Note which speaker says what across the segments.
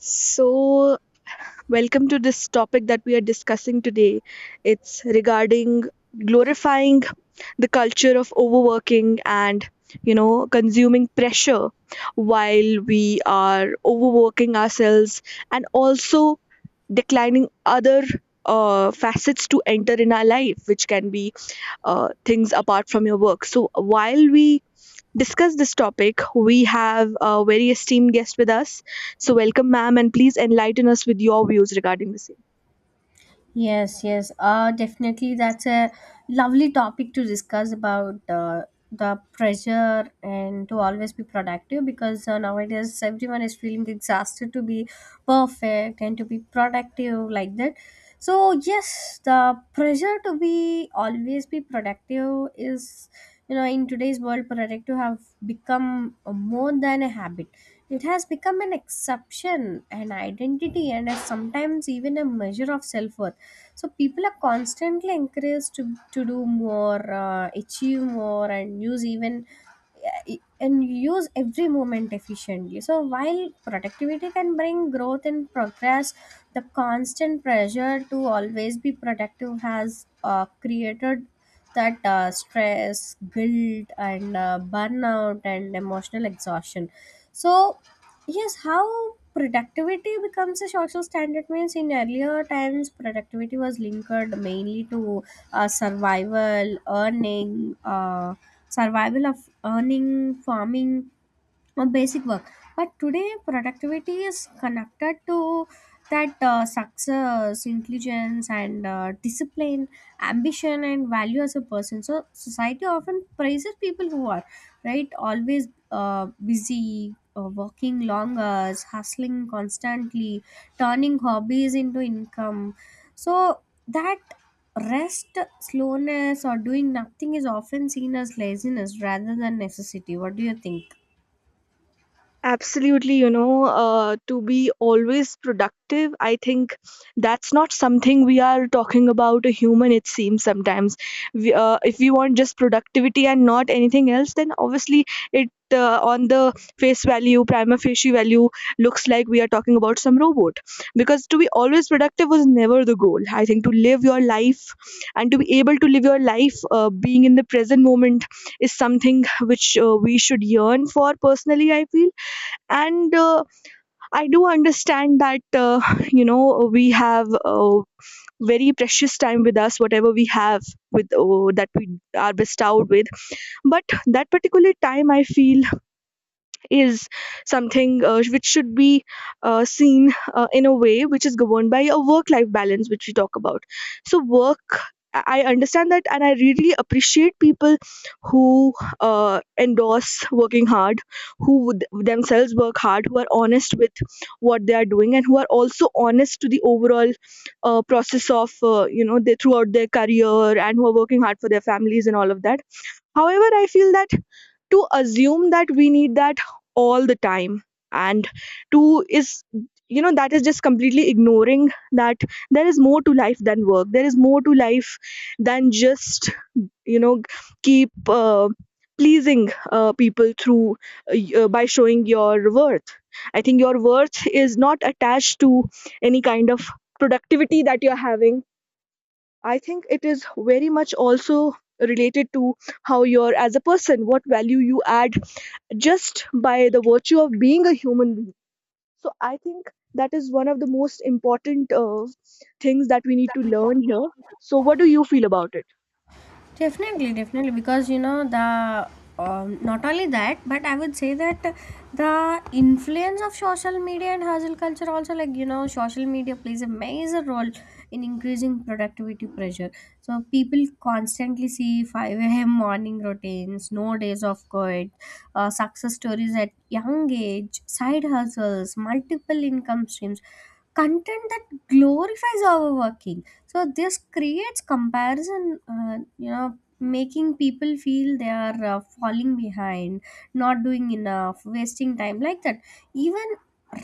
Speaker 1: So, welcome to this topic that we are discussing today. It's regarding glorifying the culture of overworking and, consuming pressure while we are overworking ourselves and also declining other facets to enter in our life, which can be things apart from your work. So, while we discuss this topic, we have a very esteemed guest with us. So, welcome, ma'am, and please enlighten us with your views regarding the same.
Speaker 2: Yes, yes. Definitely, that's a lovely topic to discuss about the pressure and to always be productive, because nowadays everyone is feeling exhausted to be perfect and to be productive, like that. So, yes, the pressure to be always be productive is in today's world. Productive have become more than a habit. It has become an exception, an identity, and sometimes even a measure of self worth. So people are constantly encouraged to do more, achieve more, and use every moment efficiently. So while productivity can bring growth and progress, the constant pressure to always be productive has created that stress, guilt, and burnout and emotional exhaustion. So, yes, how productivity becomes a social standard means in earlier times productivity was linked mainly to survival, earning. Survival of earning, farming, a basic work. But today productivity is connected to that success, intelligence, and discipline, ambition, and value as a person. So society often praises people who are, right, always busy, working long hours, hustling constantly, turning hobbies into income. So that rest, slowness, or doing nothing is often seen as laziness rather than necessity. What do you think?
Speaker 1: Absolutely, to be always productive, I think that's not something we are talking about a human, it seems sometimes. If we want just productivity and not anything else, then obviously it on the face value, prima facie value, looks like we are talking about some robot. Because to be always productive was never the goal. I think to live your life and to be able to live your life being in the present moment is something which we should yearn for, personally I feel, and I do understand that we have very precious time with us, whatever we have, with that we are bestowed with. But that particular time, I feel, is something which should be seen in a way which is governed by a work life balance which we talk about. So work, I understand that, and I really appreciate people who uh, endorse working hard, who would themselves work hard, who are honest with what they are doing, and who are also honest to the overall process of they throughout their career, and who are working hard for their families and all of that. However, I feel that to assume that we need that all the time, and to is you know that is just completely ignoring that there is more to life than work. There is more to life than just you know keep pleasing people through by showing your worth. I think your worth is not attached to any kind of productivity that you're having. I think it is very much also related to how you're as a person, what value you add just by the virtue of being a human being. So I think that is one of the most important things that we need to learn here. So what do you feel about it?
Speaker 2: Definitely, definitely, because you know the not only that, but I would say that the influence of social media and hustle culture, also, like, social media plays a major role in increasing productivity pressure. So people constantly see 5 a.m. morning routines, no days off quit, success stories at young age, side hustles, multiple income streams, content that glorifies overworking. So this creates comparison, making people feel they are falling behind, not doing enough, wasting time, like that. Even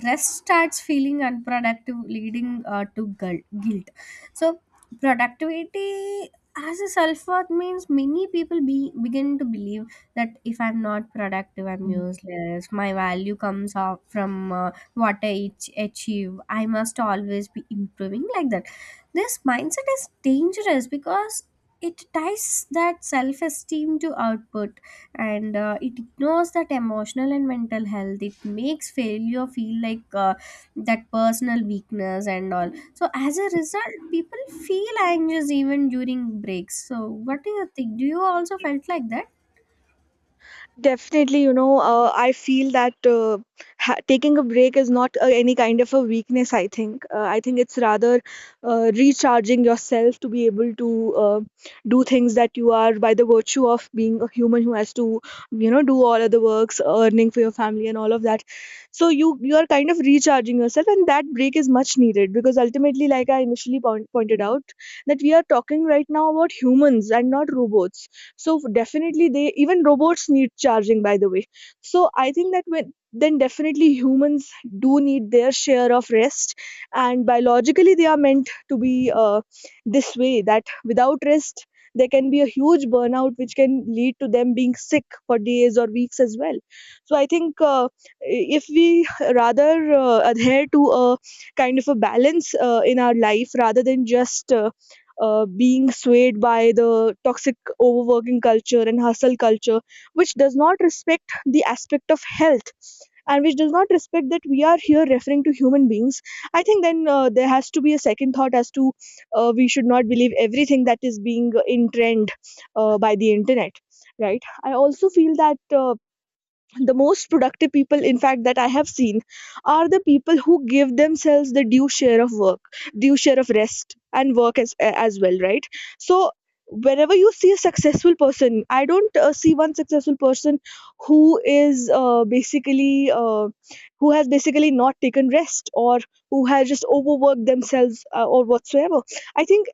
Speaker 2: rest starts feeling unproductive, leading to guilt. So, productivity as a self worth means many people begin to believe that if I'm not productive, I'm useless. My value comes off from what I achieve. I must always be improving, like that. This mindset is dangerous because it ties that self esteem to output, and it ignores that emotional and mental health. It makes failure feel like that personal weakness and all. So as a result, people feel anxious even during breaks. So what do you think, do you also felt like that?
Speaker 1: Definitely, I feel that taking a break is not any kind of a weakness, I think. I think it's rather recharging yourself to be able to do things that you are, by the virtue of being a human, who has to, do all other works, earning for your family and all of that. So you are kind of recharging yourself, and that break is much needed, because ultimately, like I initially pointed out, that we are talking right now about humans and not robots. So definitely, they even robots need charging, by the way. So I think that, when then, definitely humans do need their share of rest, and biologically they are meant to be this way, that without rest there can be a huge burnout which can lead to them being sick for days or weeks as well. So I think if we rather adhere to a kind of a balance in our life, rather than just being swayed by the toxic overworking culture and hustle culture, which does not respect the aspect of health and which does not respect that we are here referring to human beings. I think then there has to be a second thought, as to we should not believe everything that is being in trend by the internet, right? I also feel that. The most productive people in fact that I have seen are the people who give themselves the due share of work, due share of rest and work as well, right? So whenever you see a successful person, I don't see one successful person who is basically who has basically not taken rest, or who has just overworked themselves or whatsoever. I think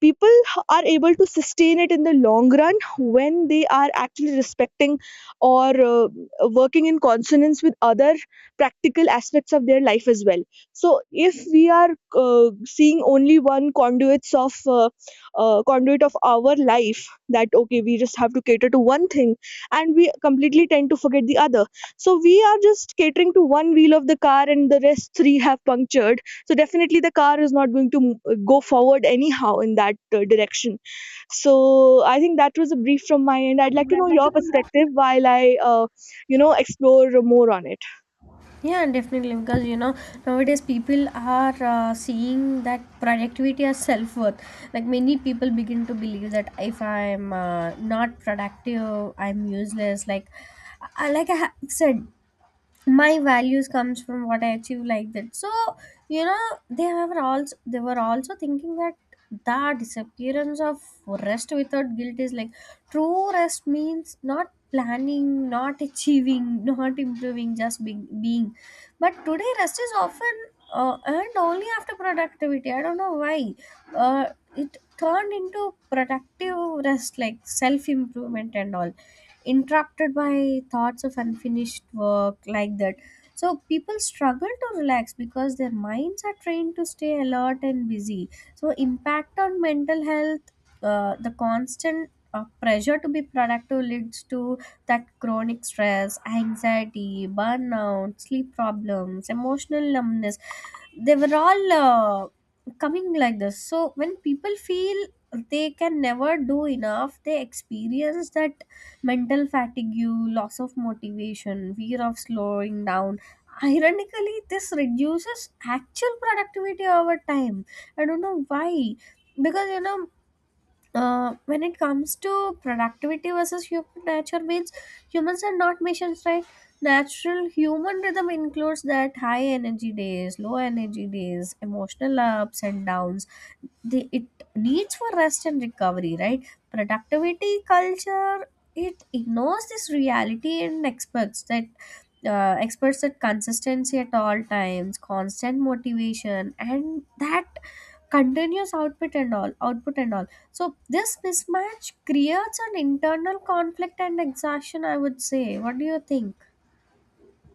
Speaker 1: people are able to sustain it in the long run when they are actually respecting, or working in consonance with, other practical aspects of their life as well. So if we are seeing only one conduit of our life, that okay, we just have to cater to one thing and we completely tend to forget the other. So we are just catering to one wheel of the car and the rest three have punctured. So definitely the car is not going to go forward anyhow in that direction. So I think that was a brief from my end. I'd like to know your perspective while I uh, explore more on it.
Speaker 2: Yeah, definitely. Because, nowadays people are seeing that productivity as self worth. Like many people begin to believe that if I'm not productive, I'm useless. Like, I said, my values comes from what I achieve, like that. So, you know they were also thinking that the disappearance of rest without guilt is like true rest means not planning, not achieving, not improving, just being. But today rest is often earned only after productivity. I don't know why uh, it turned into productive rest, like self improvement and all, interrupted by thoughts of unfinished work, like that. So people struggle to relax because their minds are trained to stay alert and busy. So, impact on mental health. The constant pressure to be productive leads to that chronic stress, anxiety, burnout, sleep problems, emotional numbness. They were all coming like this. So when people feel they can never do enough, they experience that mental fatigue, loss of motivation, fear of slowing down. Ironically, this reduces actual productivity over time. I don't know why. Because, when it comes to productivity versus human nature means humans are not machines, right? Natural human rhythm includes that high energy days, low energy days, emotional ups and downs, the it needs for rest and recovery, right? Productivity culture, it ignores this reality and expects that experts that consistency at all times, constant motivation, and that continuous output and all. So this mismatch creates an internal conflict and exhaustion, I would say. What do you think?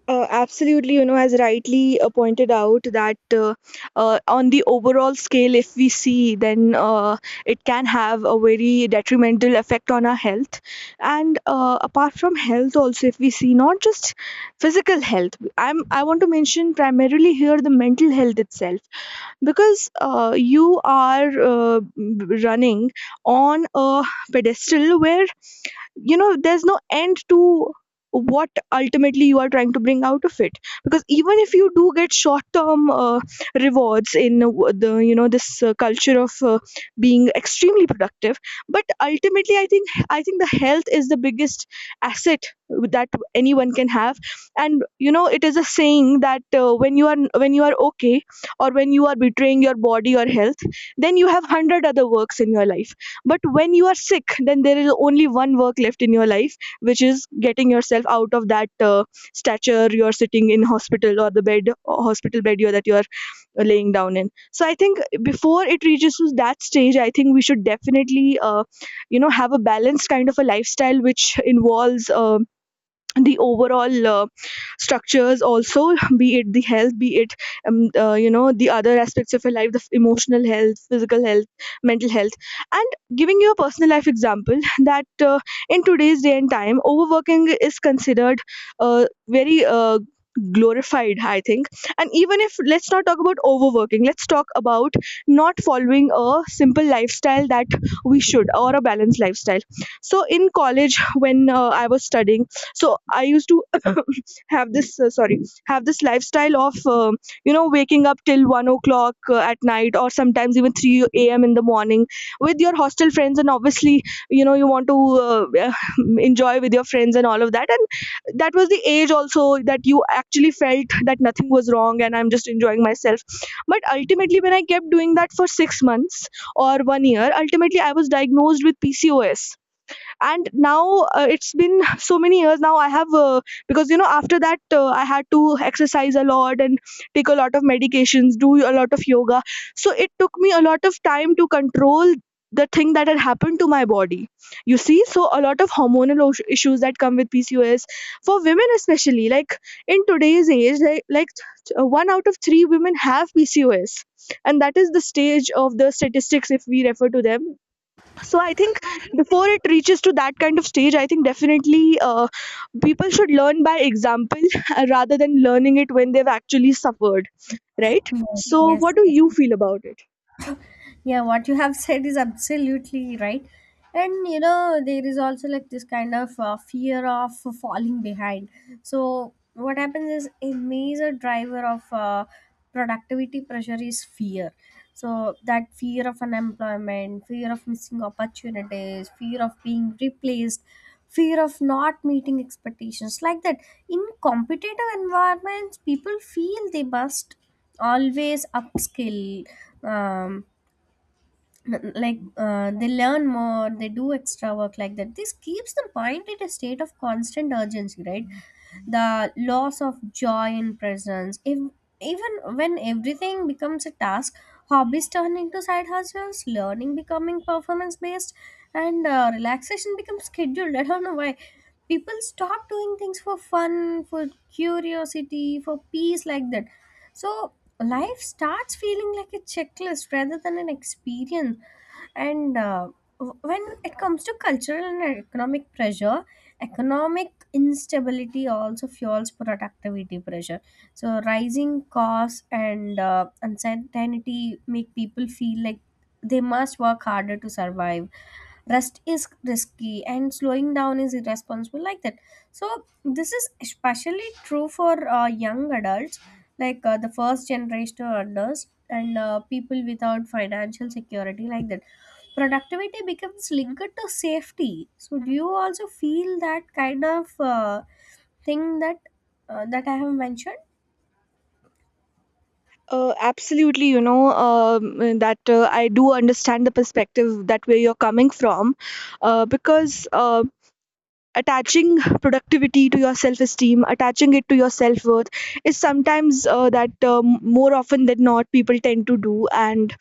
Speaker 1: Absolutely, has rightly pointed out that on the overall scale, if we see, then it can have a very detrimental effect on our health. And apart from health also, if we see, not just physical health, I want to mention primarily here the mental health itself, because you are running on a pedestal where there's no end to what ultimately you are trying to bring out of it. Because even if you do get short term rewards in the you know this culture of being extremely productive, but ultimately I think the health is the biggest asset that anyone can have. And it is a saying that when you are okay, or when you are betraying your body or health, then you have 100 other works in your life. But when you are sick, then there is only one work left in your life, which is getting yourself out of that stature you are sitting in, hospital or the bed, or hospital bed, you that you are laying down in. So I think before it reaches to that stage, I think we should definitely have a balanced kind of a lifestyle, which involves the overall structures also, be it the health, be it the other aspects of your life, the emotional health, physical health, mental health. And giving you a personal life example, that in today's day and time, overworking is considered very glorified, I think. And even if, let's not talk about overworking, let's talk about not following a simple lifestyle that we should, or a balanced lifestyle. So in college, when I was studying, so I used to have this uh, sorry have this lifestyle of waking up till 1 o'clock at night, or sometimes even 3 a.m. in the morning with your hostel friends, and obviously, you want to uh, enjoy with your friends and all of that. And that was the age also, that you actually felt that nothing was wrong and I'm just enjoying myself. But ultimately when I kept doing that for 6 months or 1 year, ultimately I was diagnosed with PCOS, and now it's been so many years now I have because after that I had to exercise a lot and take a lot of medications, do a lot of yoga. So it took me a lot of time to control the thing that had happened to my body, you see. So a lot of hormonal issues that come with PCOS for women especially, like in today's age, like one out of three women have PCOS. And that is the stage of the statistics, if we refer to them. So I think before it reaches to that kind of stage, I think definitely people should learn by example rather than learning it when they've actually suffered, right?
Speaker 2: Yes,
Speaker 1: So
Speaker 2: yes,
Speaker 1: what do you
Speaker 2: yes.
Speaker 1: feel about it?
Speaker 2: Yeah, what you have said is absolutely right. And, there is also like this kind of fear of falling behind. So what happens is, a major driver of productivity pressure is fear. So that fear of unemployment, fear of missing opportunities, fear of being replaced, fear of not meeting expectations, like that. In competitive environments people feel they must always upskill, um, like they learn more, they do extra work, like that. This keeps the mind in a state of constant urgency, right? The loss of joy in presence, if even when everything becomes a task, hobbies turn into side hustles, learning becoming performance based, and relaxation becomes scheduled. I don't know why people stop doing things for fun, for curiosity, for peace, like that. So life starts feeling like a checklist rather than an experience. And when it comes to cultural and economic pressure, economic instability also fuels productivity pressure. So rising costs and uncertainty make people feel like they must work harder to survive. Rest is risky and slowing down is irresponsible, like that. So this is especially true for young adults, like the first generation earners and people without financial security, like that. Productivity becomes linked to safety. So do you also feel that kind of thing, that I have mentioned?
Speaker 1: Uh, absolutely, that I do understand the perspective that where you're coming from. Because attaching productivity to your self esteem, attaching it to your self worth is sometimes, that more often than not, people tend to do. And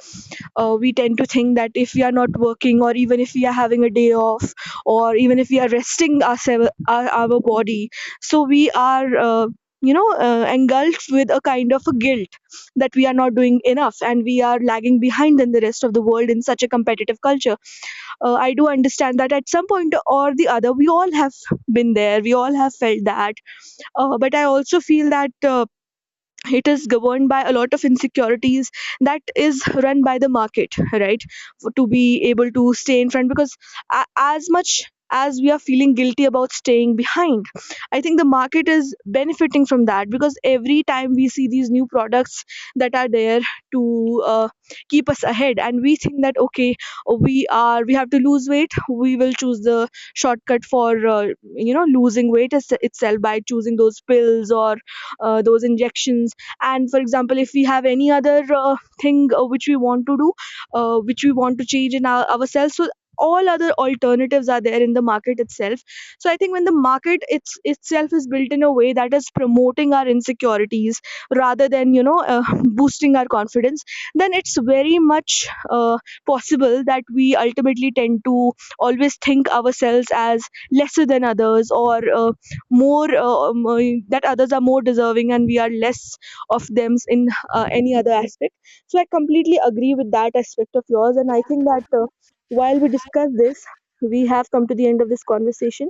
Speaker 1: we tend to think that if we are not working, or even if we are having a day off, or even if we are resting ourselves, our body, so we are engulfed with a kind of a guilt that we are not doing enough and we are lagging behind than the rest of the world in such a competitive culture. I do understand that at some point or the other we all have been there, we all have felt that, but I also feel that it is governed by a lot of insecurities that is run by the market, right? To be able to stay in front, because as much as we are feeling guilty about staying behind, I think the market is benefiting from that, because every time we see these new products that are there to uh, keep us ahead, and we think that okay, we have to lose weight, we will choose the shortcut for uh, losing weight itself by choosing those pills or those injections. And for example, if we have any other thing which we want to do, which we want to change in ourselves, so all other alternatives are there in the market itself. So I think when the market it's itself is built in a way that is promoting our insecurities rather than boosting our confidence, then it's very much possible that we ultimately tend to always think ourselves as lesser than others, or more that others are more deserving and we are less of them in any other aspect. So I completely agree with that aspect of yours, and I think that while we discuss this, we have come to the end of this conversation.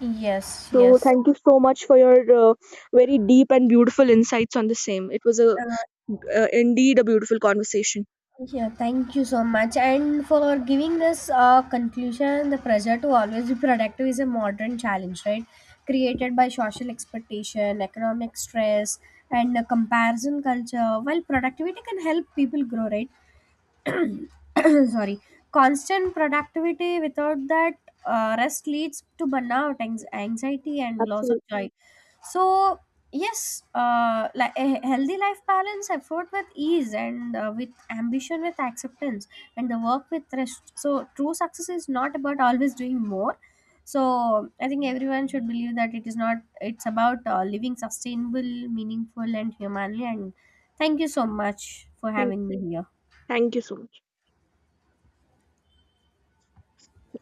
Speaker 2: Yes,
Speaker 1: So
Speaker 2: yes.
Speaker 1: thank you so much for your uh, very deep and beautiful insights on the same. It was a indeed a beautiful conversation.
Speaker 2: Yeah, thank you so much. And for giving this conclusion, the pressure to always be productive is a modern challenge, right? Created by social expectation, economic stress, and the comparison culture. While productivity can help people grow, right? Sorry. Constant productivity without that rest leads to burnout, anxiety, and loss of
Speaker 1: Absolutely.
Speaker 2: joy. So, yes, like a healthy life balance, effort with ease, and with ambition, with acceptance, and the work with rest. So true success is not about always doing more. So I think everyone should believe that it is not it's about living sustainable, meaningful, and humanly. And thank you so much for
Speaker 1: Thank,
Speaker 2: having me here.
Speaker 1: thank you so much.